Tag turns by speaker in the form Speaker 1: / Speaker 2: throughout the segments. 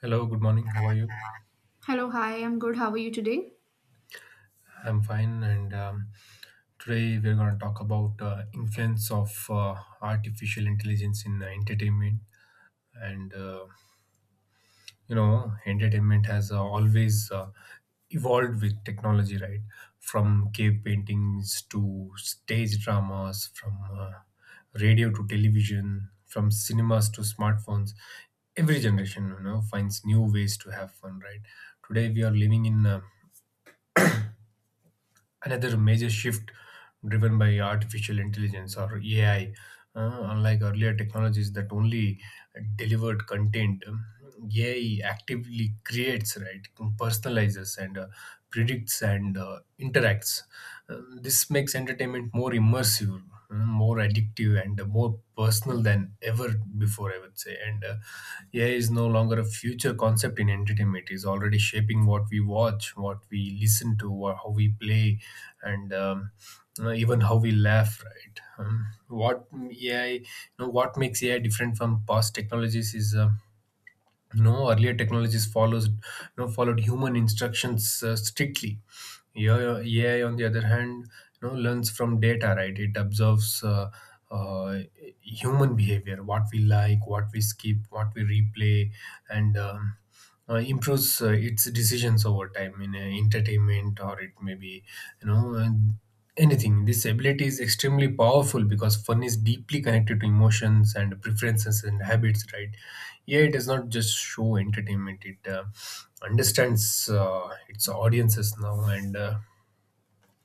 Speaker 1: Hello, good morning. How are you?
Speaker 2: Hello, hi, I'm good. How are you today?
Speaker 1: I'm fine, and today we're going to talk about influence of artificial intelligence in entertainment. And you know, entertainment has always evolved with technology, right? From cave paintings to stage dramas, from radio to television, from cinemas to smartphones. Every generation, you know, finds new ways to have fun, right? Today we are living in a another major shift driven by artificial intelligence or AI. Unlike earlier technologies that only delivered content, AI actively creates, right, personalizes, and predicts and interacts. This makes entertainment more immersive, more addictive, and more personal than ever before, I would say. And AI is no longer a future concept in entertainment. It's already shaping what we watch, what we listen to, how we play, and even how we laugh. Right? Um, what AI, you know, What makes AI different from past technologies is, earlier technologies followed human instructions strictly. Yeah, AI, on the other hand, you know, learns from data, right? It observes uh, human behavior, what we like, what we skip, what we replay, and improves its decisions over time in entertainment, or it may be, you know, and anything. This ability is extremely powerful because fun is deeply connected to emotions and preferences and habits, right? AI does not just show entertainment; it understands its audiences now. And.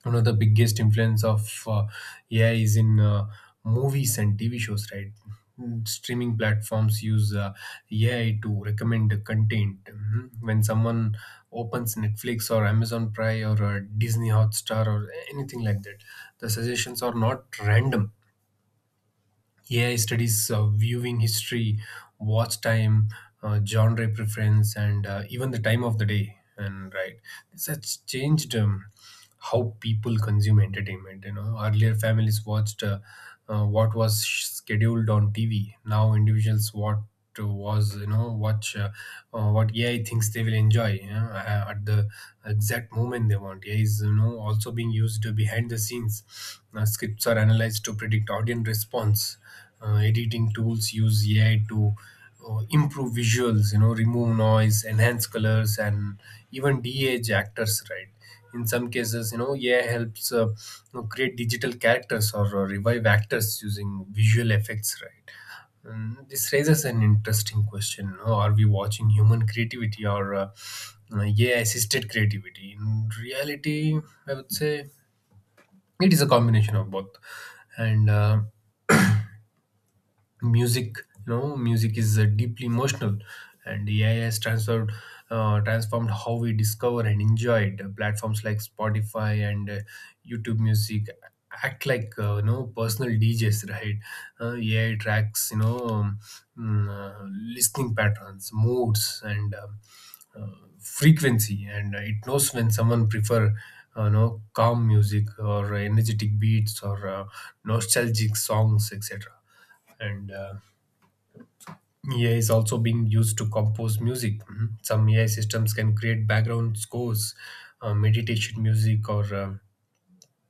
Speaker 1: One of the biggest influence of AI is in movies and TV shows, right? Streaming platforms use AI to recommend the content. Mhm. When someone opens Netflix or Amazon Prime or Disney Hotstar or anything like that, the suggestions are not random. AI studies viewing history, watch time, genre preference, and even the time of the day. This has changed how people consume entertainment. You know, earlier families watched what was scheduled on TV. Now individuals what was you know watch what AI thinks they will enjoy, you know, at the exact moment they want. AI is, you know, also being used behind the scenes. Scripts are analyzed to predict audience response. Editing tools use AI to improve visuals, you know, remove noise, enhance colors, and even de-age actors, right, in some cases. You know, yeah, helps, you know, create digital characters or revive actors using visual effects, right. And this raises an interesting question, you know, are we watching human creativity or AI assisted creativity? In reality, I would say it is a combination of both. And Music, you know, music is deeply emotional, and ai has transferred transformed how we discover and enjoy it. Platforms like Spotify and YouTube Music act like, you know, personal DJs, right. AI tracks, you know, mm, uh, listening patterns, moods, and frequency. And it knows when someone prefer you know calm music or energetic beats or nostalgic songs, etc. and AI is also being used to compose music. Mhm. Some AI systems can create background scores, meditation music, or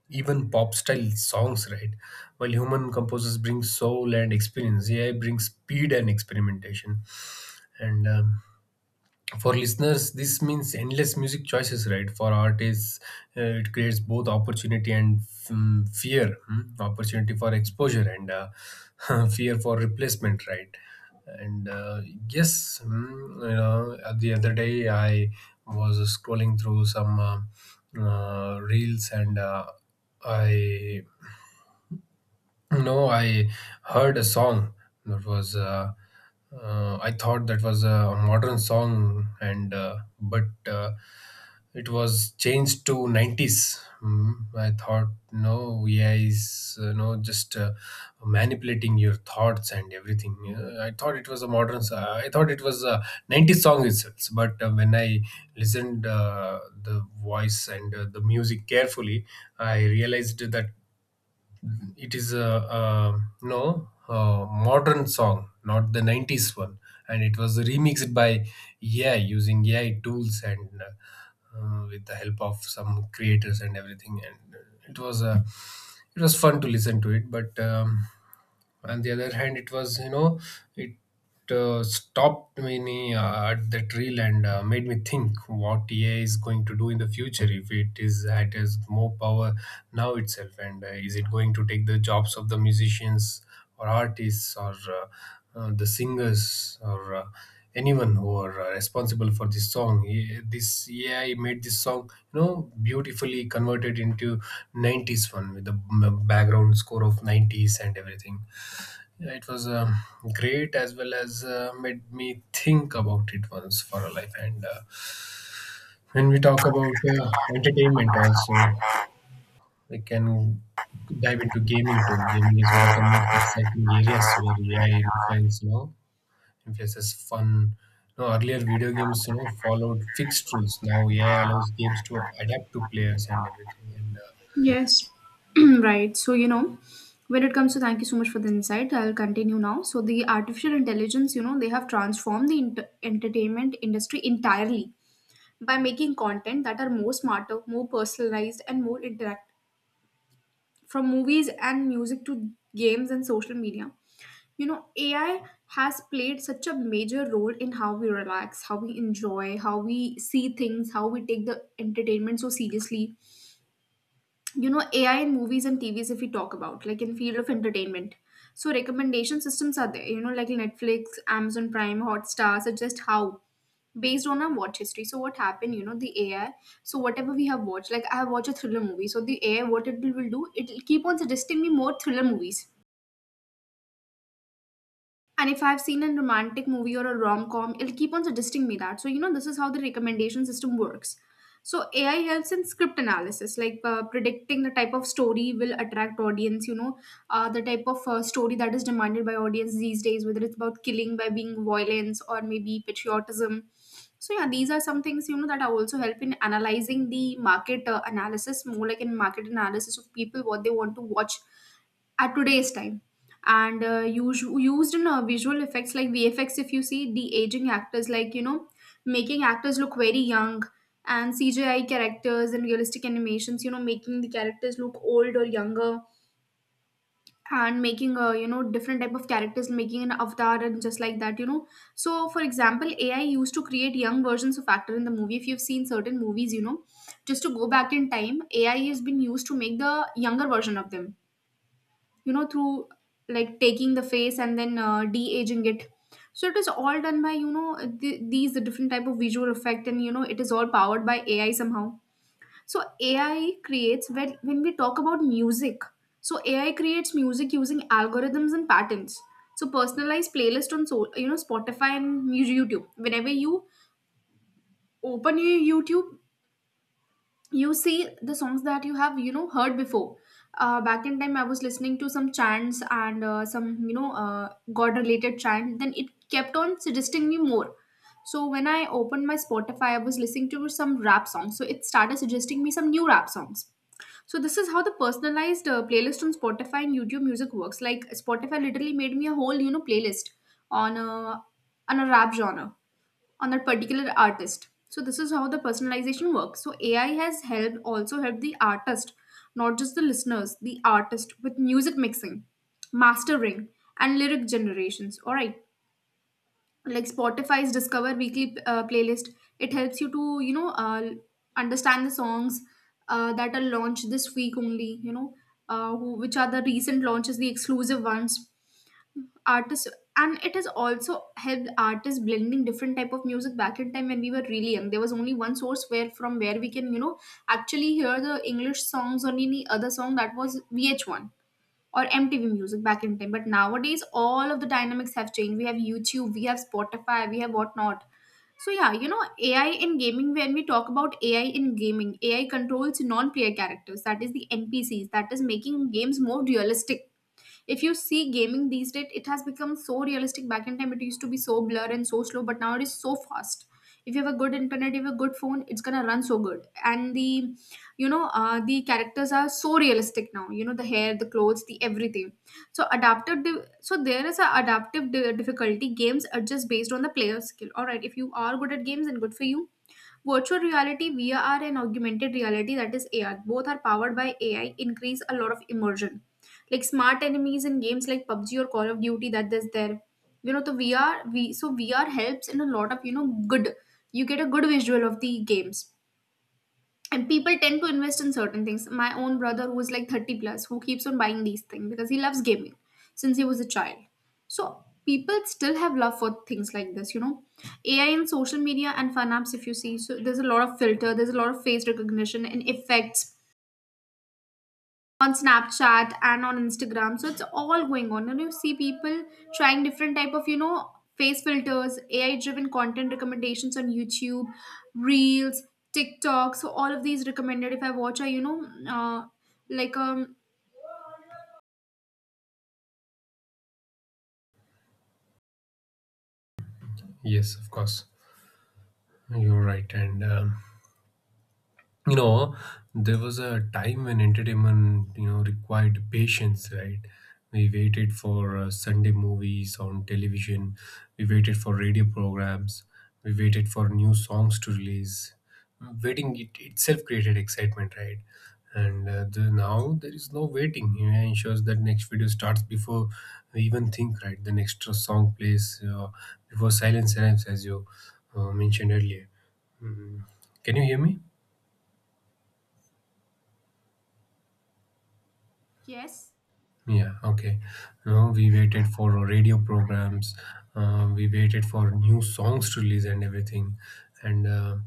Speaker 1: even pop style songs, right? While human composers bring soul and experience, AI brings speed and experimentation. And For listeners, this means endless music choices, right. For artists, it creates both opportunity and fear. Hmm? Opportunity for exposure and fear for replacement, right. and Yes. The other day I was scrolling through some reels and I no, I heard a song that was. I thought, that was a modern song, and but it was changed to nineties. Mm, I thought, no, AI is no just manipulating your thoughts and everything. I thought it was a I thought it was a nineties song itself. But when I listened the voice and the music carefully, I realized that it is a modern song, not the 90s one, and it was remixed by AI using AI tools and with the help of some creators and everything. And it was It was fun to listen to, it but on the other hand, it was, you know, it stopped me at that reel and made me think what AI is going to do in the future if it has more power now itself, and is it going to take the jobs of the musicians or artists or the singers or anyone who are responsible for this song? This AI made this song, you know, beautifully converted into 90s one with the background score of 90s and everything. Yeah, it was great, as well as made me think about it once for a life. And When we talk about entertainment, also we can dive into gaming too. Gaming is one of the most exciting areas where AI influences fun. You know, earlier video games, you know, followed fixed rules. Now AI allows games to adapt to players and everything. And
Speaker 2: Yes. Right, so when it comes to thank you so much for the insight, I'll continue now. So, the artificial intelligence, you know, they have transformed the entertainment industry entirely by making content that are more smarter, more personalized, and more interactive from movies and music to games and social media. You know, AI has played such a major role in how we relax, how we enjoy, how we see things, how we take the entertainment so seriously. You know, AI in movies and TVs, if we talk about like in field of entertainment, so recommendation systems are there, you know, like Netflix, Amazon Prime, Hotstar suggest how based on our watch history. So what happened, you know, the AI, so whatever we have watched, like I have watched a thriller movie, so the AI, what it will do, it will keep on suggesting me more thriller movies. And if I've seen a romantic movie or a rom com, it'll keep on suggesting me that. So, you know, this is how the recommendation system works. So, AI helps in script analysis, like predicting the type of story will attract audience, you know, the type of story that is demanded by audience these days, whether it's about killing by being violence or maybe patriotism. So, yeah, these are some things, you know, that I also help in analyzing the market analysis, more like in market analysis of people, what they want to watch at today's time. And used in visual effects like VFX. If you see the aging actors, like, you know, making actors look very young, and CGI characters and realistic animations, you know, making the characters look old or younger, and making, you know, different type of characters, making an avatar and just like that, you know. So for example, AI used to create young versions of actor in the movie, if you've seen certain movies, you know, just to go back in time, AI has been used to make the younger version of them, you know, through like taking the face and then de-aging it. So it is all done by, you know, these different type of visual effect, and you know, it is all powered by AI somehow. So AI creates, when we talk about music, so AI creates music using algorithms and patterns. So personalized playlist on, so you know, Spotify and YouTube. Whenever you open your YouTube, you see the songs that you have, you know, heard before. Back in time, I was listening to some chants and some, you know, god related chant, then it kept on suggesting me more. So when I opened my Spotify, I was listening to some rap songs, so it started suggesting me some new rap songs. So this is how the personalized playlist on Spotify and YouTube music works. Like Spotify literally made me a whole, you know, playlist on a on a rap genre, on that particular artist. So this is how the personalization works. So AI has helped, also helped the artist, not just the listeners, the artist with music mixing, mastering, and lyric generations. All right, like Spotify's Discover Weekly playlist, it helps you to, you know, understand the songs that are launched this week only, you know, which are the recent launches, the exclusive ones, artists. And it has also helped artists blending different type of music. Back in time, when we were really young, there was only one source, where from where we can, you know, actually hear the English songs or any other song, that was VH1 or MTV music back in time. But nowadays all of the dynamics have changed. We have YouTube, we have Spotify, we have whatnot. So yeah, you know, AI in gaming. When we talk about AI in gaming, AI controls non-player characters, that is the NPCs, that is making games more realistic. If you see gaming these days, it has become so realistic. Back in time, it used to be so blur and so slow, but now it is so fast. If you have a good internet, if you have a good phone, it's gonna run so good. And the, you know, the characters are so realistic now, you know, the hair, the clothes, the everything. So so there is a difficulty. Games are just based on the player skill. All right, if you are good at games, then good for you. Virtual reality, VR, and augmented reality, that is AR, both are powered by AI, increase a lot of immersion. Like smart enemies in games like PUBG or Call of Duty, that is there. You know, the VR, so VR helps in a lot of, you know, good, you get a good visual of the games. And people tend to invest in certain things. My own brother, who is like 30 plus, who keeps on buying these things because he loves gaming since he was a child. So people still have love for things like this, you know. AI and social media and fun apps, if you see, so there's a lot of filter, there's a lot of face recognition and effects on Snapchat and on Instagram. So it's all going on. And you see people trying different type of, you know, face filters, AI driven content recommendations on YouTube, Reels, TikTok. So all of these recommended, if I watch a, you know, like um
Speaker 1: Yes, of course, you're right. And you know, there was a time when entertainment, you know, required patience, right. We waited for Sunday movies on television, we waited for radio programs, we waited for new songs to release. Waiting it itself created excitement, right. Now there is no waiting. You know, ensures that next video starts before we even think, right. The next song plays before silence arrives, as you mentioned earlier. Mm. Can you hear me?
Speaker 2: yes,
Speaker 1: Yeah, okay. No, we waited for radio programs. We waited for new songs to release and everything. And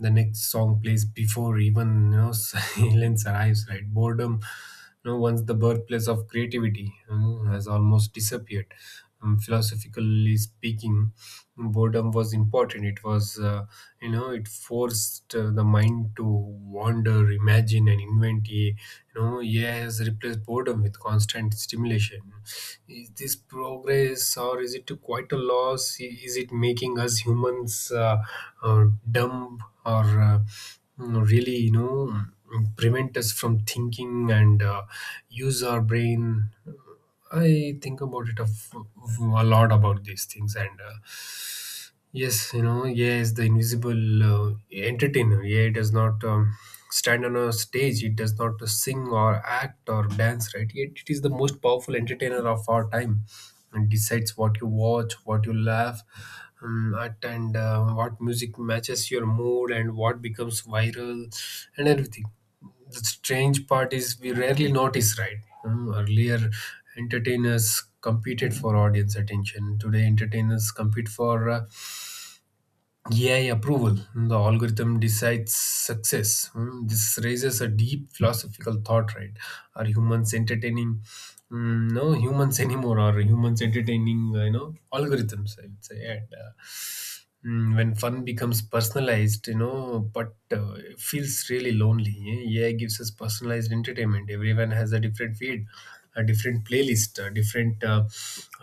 Speaker 1: The next song plays before even, you know, silence arrives. Right, boredom, you know, once the birthplace of creativity, you know, has almost disappeared. Philosophically speaking, boredom was important. It was, you know, it forced the mind to wander, imagine, and invent. AI has replaced boredom with constant stimulation. Is this progress or is it quite a loss? Is it making us humans uh, dumb or really, you know, prevent us from thinking and use our brain? I think about it a, f- a lot about these things. And. Yes, you know, yeah, is the invisible entertainer. Yeah, it does not stand on a stage. It does not sing or act or dance, right? Yet it is the most powerful entertainer of our time, and decides what you watch, what you laugh at, and what music matches your mood, and what becomes viral, and everything. The strange part is we rarely notice, right? Earlier, entertainers competed for audience attention. Today, entertainers compete for AI approval. The algorithm decides success. This raises a deep philosophical thought, right? Are humans entertaining? No humans anymore. Are humans entertaining, you know, algorithms, I'd say? When fun becomes personalized, you know, but it feels really lonely. Eh? AI gives us personalized entertainment. Everyone has a different feed, a different playlist, a different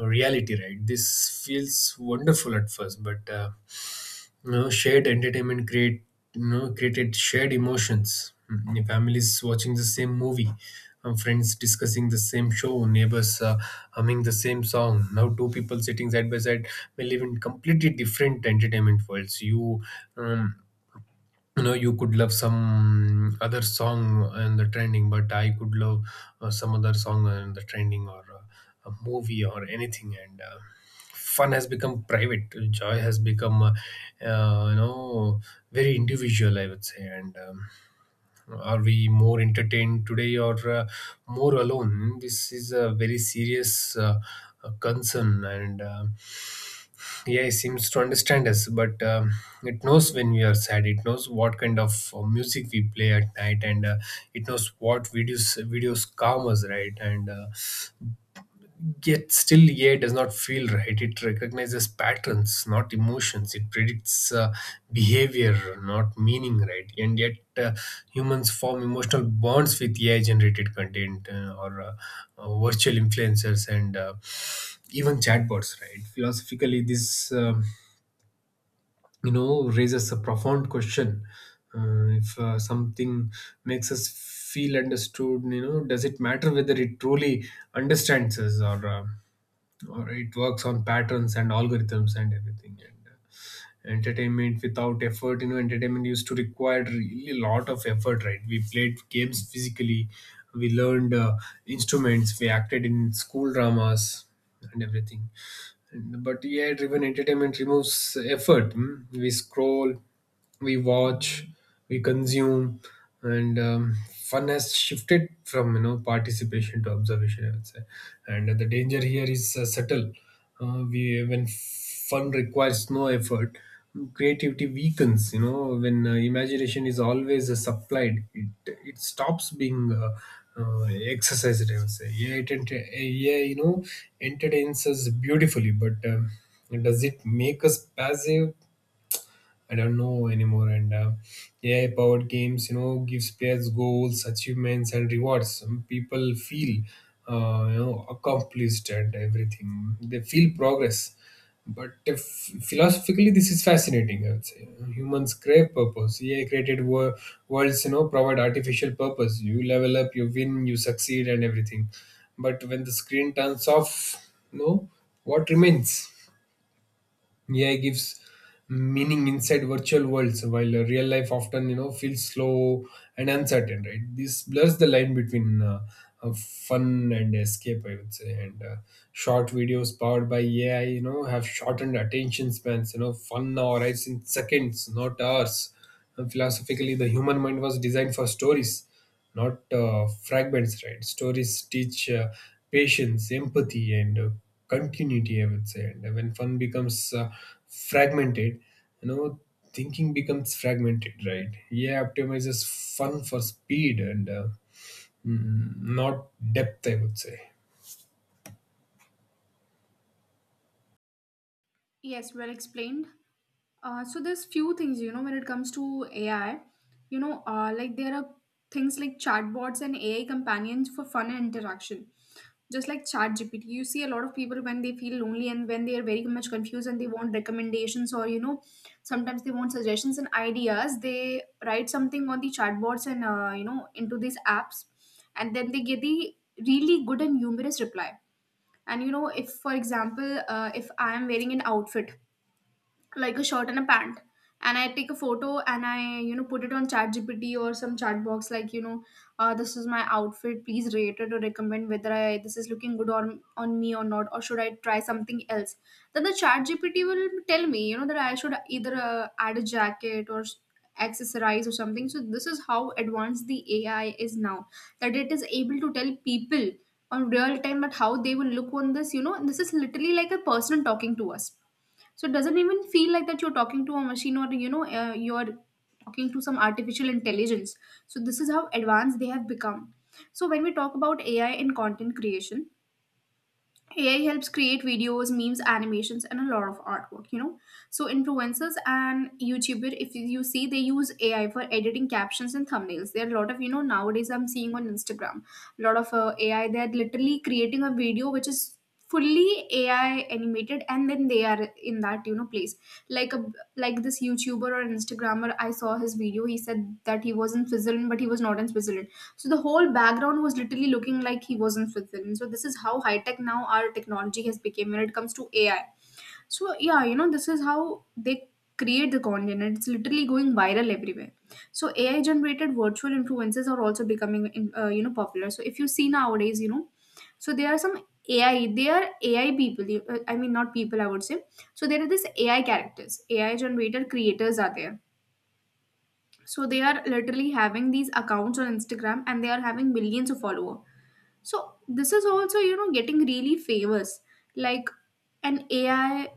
Speaker 1: reality, right? This feels wonderful at first, but you know, shared entertainment create you know, created shared emotions. Mm, your Families watching the same movie, friends discussing the same show, neighbors humming the same song. Now two people sitting side by side may live in completely different entertainment worlds. Um, you know, you could love some other song and the trending, but I could love some other song and the trending, or a movie or anything. And Fun has become private, joy has become uh, you know very individual, I would say. And Are we more entertained today or more alone? This is a very serious concern. And Yeah, it seems to understand us, but it knows when we are sad, it knows what kind of music we play at night, and it knows what videos calm us, right? and Yet still, yeah, does not feel right. It recognizes patterns, not emotions. It predicts behavior, not meaning, right? and yet Humans form emotional bonds with AI generated content, or virtual influencers, and even chatbots, right? Philosophically, this raises a profound question. If something makes us feel understood, you know, does it matter whether it truly understands us, or it works on patterns and algorithms and everything? And Entertainment without effort, you know, entertainment used to require really a lot of effort, right? We played games physically, we learned instruments, we acted in school dramas and everything. But AI driven entertainment removes effort. Mm. We scroll, we watch, we consume, and fun has shifted from, you know, participation to observation, I would say. And the danger here is subtle. We When fun requires no effort, creativity weakens. You know, when imagination is always supplied, it stops being exercised, I would say. You know, entertains us beautifully, but does it make us passive? I don't know anymore. And AI powered games, you know, gives players goals, achievements, and rewards. Some people feel, you know, accomplished and everything. They feel progress. But if, Philosophically, this is fascinating. I would say humans crave purpose. AI created worlds, you know, provide artificial purpose. You level up, you win, you succeed, and everything. But when the screen turns off, no, what remains? AI gives meaning inside virtual worlds, while real life often, you know, feels slow and uncertain. Right, this blurs the line between fun and escape, I would say. And Short videos powered by AI, you know, have shortened attention spans. You know, fun now arrives in seconds, not hours. And philosophically, the human mind was designed for stories, not fragments, right? Stories teach patience, empathy, and continuity, I would say. And when fun becomes fragmented, you know, thinking becomes fragmented, right? Yeah, optimizes fun for speed and not depth, I would say.
Speaker 2: yes, well explained. So there's few things you know when it comes to AI, you know, like there are things like chatbots and AI companions for fun and interaction. Just like ChatGPT, you see a lot of people when they feel lonely and when they are very much confused and they want recommendations, or you know, sometimes they want suggestions and ideas. They write something on the chatbots and you know, into these apps, and then they get the really good and humorous reply. And you know, if for example, if I am wearing an outfit like a shirt and a pant, and I take a photo and I, you know, put it on chat gpt or some chat box, like you know, this is my outfit, please rate it or recommend whether I this is looking good on me or not, or should I try something else. Then the chat gpt will tell me, you know, that I should either add a jacket or accessorize or something. So this is how advanced the AI is now, that it is able to tell people on real time that how they will look on this, you know. And this is literally like a person talking to us. So it doesn't even feel like that you're talking to a machine, or you know, you're talking to some artificial intelligence. So this is how advanced they have become. So when we talk about AI in content creation, AI helps create videos, memes, animations, and a lot of artwork, you know. So influencers and YouTuber, if you see, they use AI for editing captions and thumbnails. There are a lot of, you know, nowadays I'm seeing on Instagram, a lot of AI. They're literally creating a video which is fully AI animated, and then they are in that, you know, place. Like a like this YouTuber or Instagrammer, I saw his video. He said that he was in Switzerland, but he was not in Switzerland. So the whole background was literally looking like he was in Switzerland. So this is how high tech now our technology has become when it comes to AI. So yeah, you know, this is how they create the content, and it's literally going viral everywhere. So AI generated virtual influences are also becoming you know, popular. So if you see nowadays, you know, so there are some AI, they are AI people. I mean, not people, I would say. So there are these AI characters, AI generated creators are there. So they are literally having these accounts on Instagram, and they are having millions of followers. So this is also, you know, getting really famous. Like an AI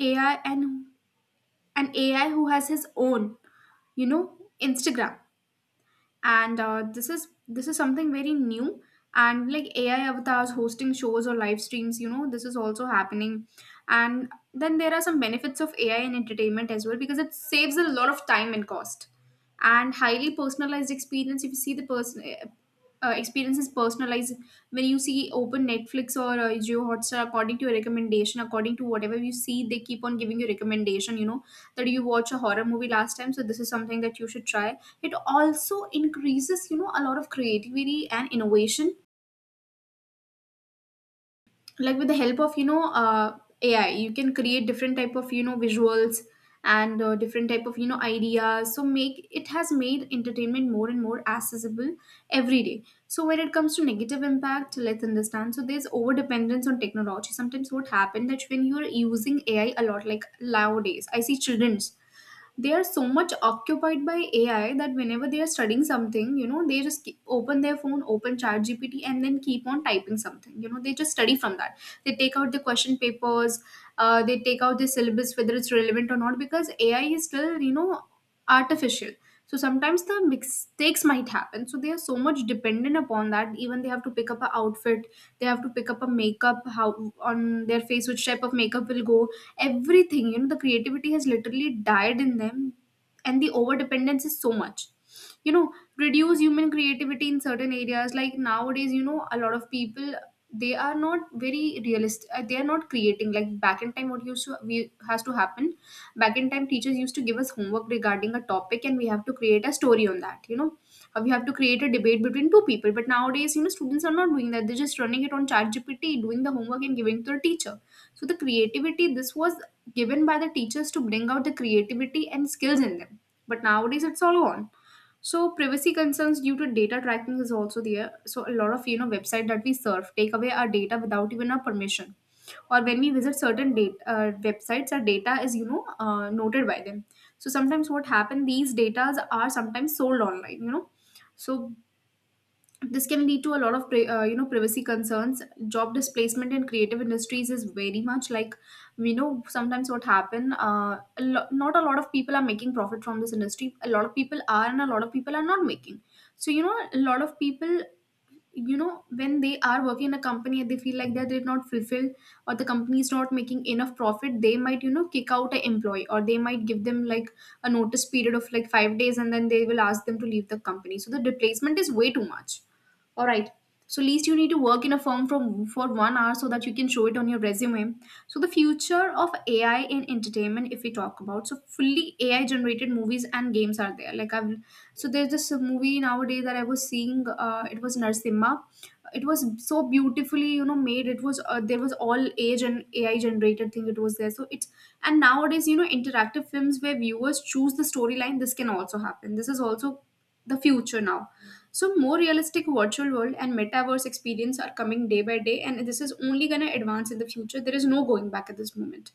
Speaker 2: AI and an AI who has his own, Instagram. And this is something very new, and like AI avatars hosting shows or live streams, you know, this is also happening. And then there are some benefits of AI in entertainment as well, because it saves a lot of time and cost, and highly personalized experience. If you see the person, experience is personalized. When you see, open Netflix or Geo Hotstar, according to your recommendation, according to whatever you see, they keep on giving you recommendation, you know, that you watch a horror movie last time, so this is something that you should try. It also increases, you know, a lot of creativity and innovation. Like, with the help of AI, you can create different type of visuals and different type of ideas. So make it has made entertainment more and more accessible every day. So when it comes to negative impact, let's understand. So there's over dependence on technology. Sometimes what happened that when you're using AI a lot, like nowadays I see children's, they are so much occupied by AI that whenever they are studying something, you know, they just keep, open their phone, open chat gpt and then keep on typing something, you know, they just study from that. They take out the question papers, they take out the syllabus, whether it's relevant or not, because AI is still, you know, artificial. So sometimes the mistakes might happen. So they are so much dependent upon that, even they have to pick up a outfit, they have to pick up a makeup, how, on their face, which type of makeup will go, everything. You know, the creativity has literally died in them, and the over dependence is so much, you know, reduce human creativity in certain areas. Like nowadays, you know, a lot of people, they are not very realistic, they are not creating like back in time what used to we has to happen. Back in time, teachers used to give us homework regarding a topic, and we have to create a story on that, you know. We have to create a debate between two people, but nowadays, you know, students are not doing that. They're just running it on chat gpt doing the homework and giving to the teacher. So the creativity, this was given by the teachers to bring out the creativity and skills in them. But nowadays it's all gone. So privacy concerns due to data tracking is also there. So a lot of, you know, website that we surf take away our data without even our permission. Or when we visit certain data websites, our data is, you know, noted by them. So sometimes what happen, these datas are sometimes sold online. You know, so this can lead to a lot of you know, privacy concerns. Job displacement in creative industries is very much like, we know sometimes what happen, not a lot of people are making profit from this industry. A lot of people are and a lot of people are not making. So you know, a lot of people, you know, when they are working in a company and they feel like that they're not fulfilled, or the company is not making enough profit, they might, you know, kick out an employee, or they might give them like a notice period of like five days, and then they will ask them to leave the company. So the replacement is way too much. All right. So least you need to work in a firm from for one hour so that you can show it on your resume. So the future of AI in entertainment, if we talk about, so fully AI generated movies and games are there. Like I've So there's this movie nowadays that I was seeing. It was Narsimha. It was so beautifully, you know, made. It was, there was all age and AI generated thing. It was there. So it's And nowadays, you know, interactive films where viewers choose the storyline. This can also happen. This is also the future now. So more realistic virtual world and metaverse experience are coming day by day, and this is only going to advance in the future. There is no going back at this moment.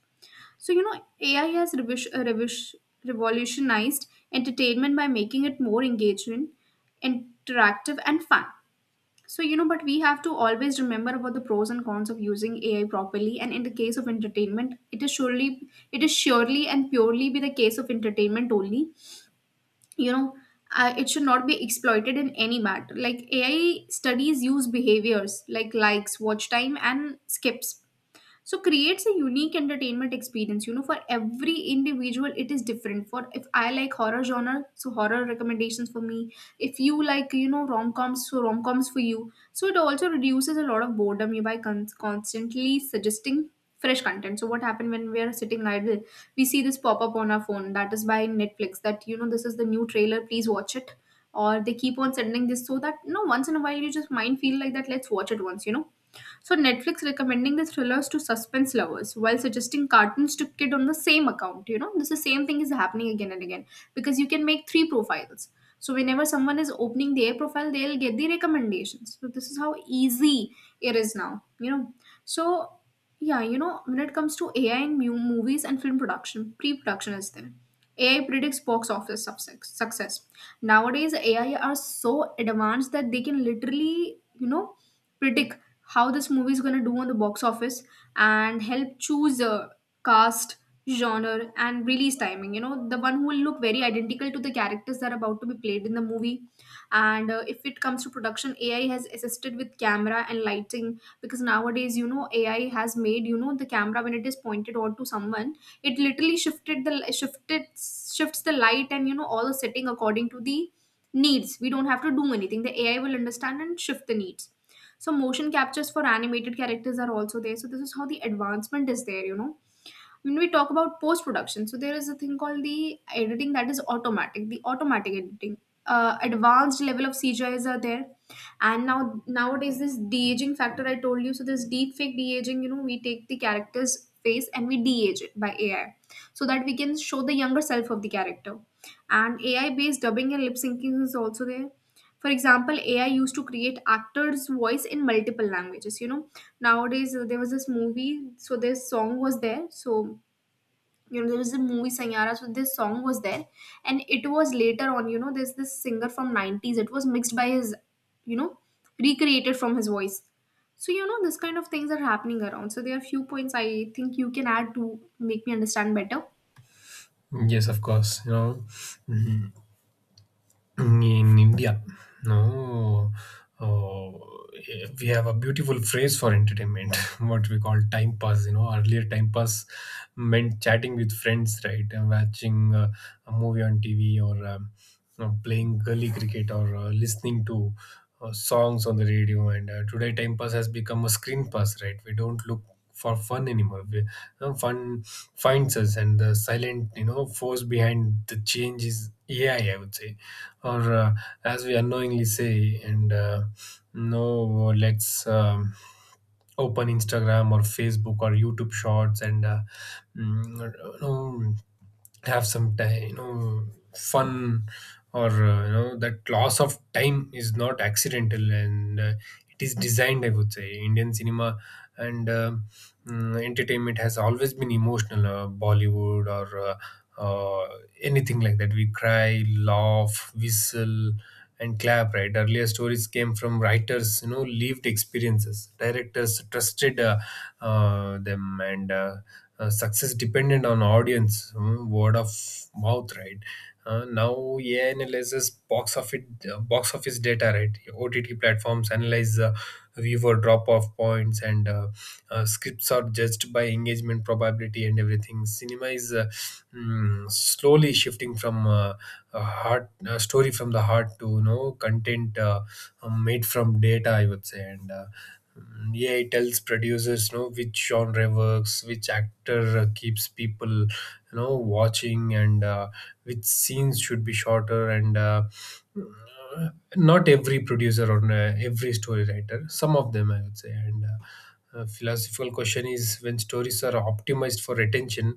Speaker 2: So you know, AI has revolutionized entertainment by making it more engaging, interactive and fun. So you know, but we have to always remember about the pros and cons of using AI properly. And in the case of entertainment, it is surely and purely be the case of entertainment only, you know. It should not be exploited in any manner. Like AI studies use behaviors like likes, watch time and skips, so creates a unique entertainment experience, you know, for every individual it is different. For, if I like horror genre, so horror recommendations for me. If you like, you know, rom-coms, so rom-coms for you. So it also reduces a lot of boredom you by constantly suggesting fresh content. So what happened, when we are sitting idle, we see this pop up on our phone that is by Netflix, that you know, this is the new trailer, please watch it, or they keep on sending this, so that you know, once in a while you just mind feel like that, let's watch it once, you know. So Netflix recommending the thrillers to suspense lovers, while suggesting cartoons to kid on the same account. You know, this is same thing is happening again and again, because you can make three profiles. So whenever someone is opening their profile, they'll get the recommendations. So this is how easy it is now. You know, so yeah, you know, when it comes to AI in movies and film production, pre-production is there. AI predicts box office success. Nowadays, AI are so advanced that they can literally, you know, predict how this movie is going to do on the box office, and help choose a cast, genre and release timing, you know, the one who will look very identical to the characters that are about to be played in the movie. And if it comes to production, AI has assisted with camera and lighting, because nowadays, you know, AI has made, you know, the camera, when it is pointed onto someone, it literally shifted the shifted shifts the light and, you know, all the setting according to the needs. We don't have to do anything, the AI will understand and shift the needs. So motion captures for animated characters are also there. So this is how the advancement is there, you know. When we talk about post production, so there is a thing called the editing that is automatic, the automatic editing. Advanced level of CGIs are there, and nowadays this de aging factor I told you. So this deep fake de aging, you know, we take the character's face and we de age it by AI, so that we can show the younger self of the character. And AI based dubbing and lip syncing is also there. For example, AI used to create actors voice in multiple languages, you know. Nowadays, there was this movie, so this song was there, so you know, there was a movie Sanyara, so this song was there, and it was later on, you know, there's this singer from 90s, it was mixed by his, you know, recreated from his voice. So you know, this kind of things are happening around. So there are few points I think you can add to make me understand better.
Speaker 1: Yes, of course. You know. Mhm. In India, no, uh, we have a beautiful phrase for entertainment, what we call time pass. You know, earlier time pass meant chatting with friends, right? And watching a movie on TV, or playing gully cricket, or listening to songs on the radio. And Today, time pass has become a screen pass, right? We don't look for fun anymore. We, you Fun finds us, and the silent, you know, force behind the change is AI, I would say. Or as we unknowingly say. And No, let's. Open Instagram or Facebook or YouTube Shorts and you know, have some time, you know, fun. Or You know, that loss of time is not accidental, and it is designed, I would say. Indian cinema and uh, entertainment has always been emotional. Bollywood or uh, uh, anything like that, we cry, laugh, whistle, and clap, right? Earlier, stories came from writers, you know, lived experiences, directors trusted them, and success depended on audience, word of mouth, right? Now AI analyzes box office data, right? OTT platforms analyze viewer drop off points, and scripts are judged by engagement probability and everything. Cinema is slowly shifting from a story from the heart to, you know, content made from data, I would say. And Yeah, it tells producers, you know, which genre works, which actor keeps people, you know, watching, and which scenes should be shorter, not every producer or every story writer, some of them, I would say. And A philosophical question is, when stories are optimized for attention,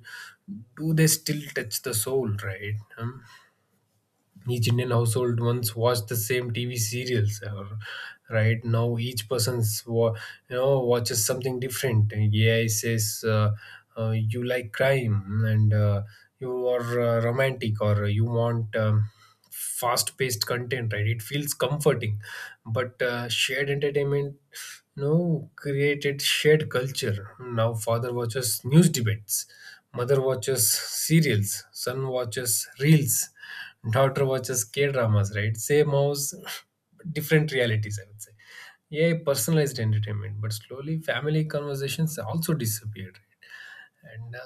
Speaker 1: do they still touch the soul, right? Hmm? Each Indian household once watched the same TV serials, right? Now each person's watches something different. AI says, you like crime, and you are romantic, or you want fast-paced content, right? It feels comforting, but shared entertainment, no, created shared culture. Now, father watches news debates, mother watches serials, son watches reels, daughter watches K dramas, right? Same house, different realities, I would say. Yeah, personalized entertainment, but slowly family conversations also disappeared. and uh,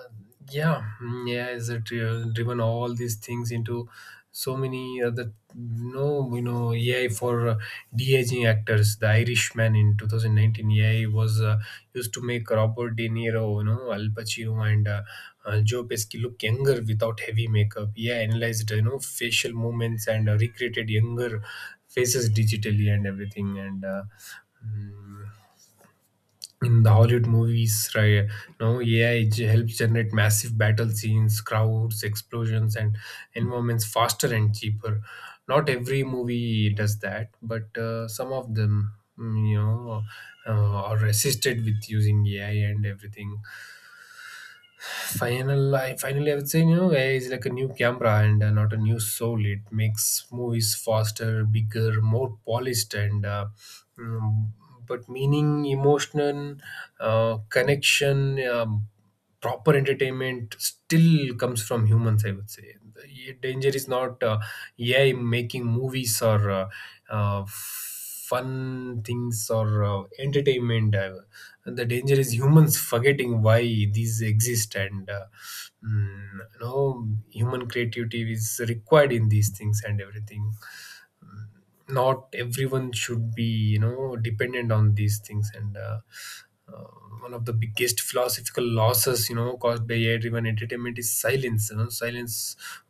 Speaker 1: yeah yeah, is it driven all these things into so many other, no, you know, AI for de-aging actors. The Irishman, in 2019, AI was used to make Robert De Niro, you know, Al Pacino, and Joe Pesci look younger without heavy makeup. AI analyzed, you know, facial movements and recreated younger faces digitally and everything. Mm, in the Hollywood movies, right? Now AI helps generate massive battle scenes, crowds, explosions, and environments faster and cheaper. Not every movie does that, but some of them, mm, you know, are resisted with using AI and everything. Finally, I would say, you know, AI is like a new camera and not a new soul. It makes movies faster, bigger, more polished, mm, but meaning, emotion, connection, proper entertainment still comes from humans, I would say. The, yeah, danger is not AI making movies or fun things or entertainment. The danger is humans forgetting why these exist, you know, human creativity is required in these things and everything. Mm, not everyone should be, you know, dependent on these things. And uh, One of the biggest philosophical losses, you know, caused by AI-driven entertainment is silence. You know, silence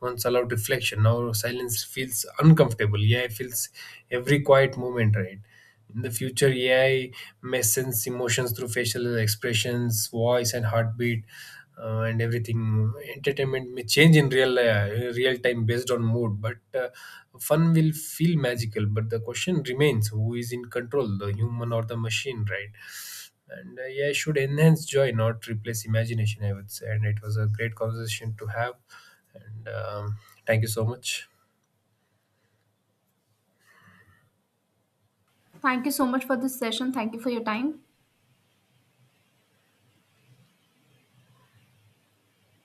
Speaker 1: once allowed reflection. Now silence feels uncomfortable. AI feels every quiet moment, right? In the future, AI may sense emotions through facial expressions, voice, and heartbeat, and everything. Entertainment may change in real time based on mood, but fun will feel magical. But the question remains: who is in control, the human or the machine, right? And AI should enhance joy, not replace imagination, I would say. And it was a great conversation to have. And Thank you so much.
Speaker 2: Thank you so much for this session. Thank you for your time.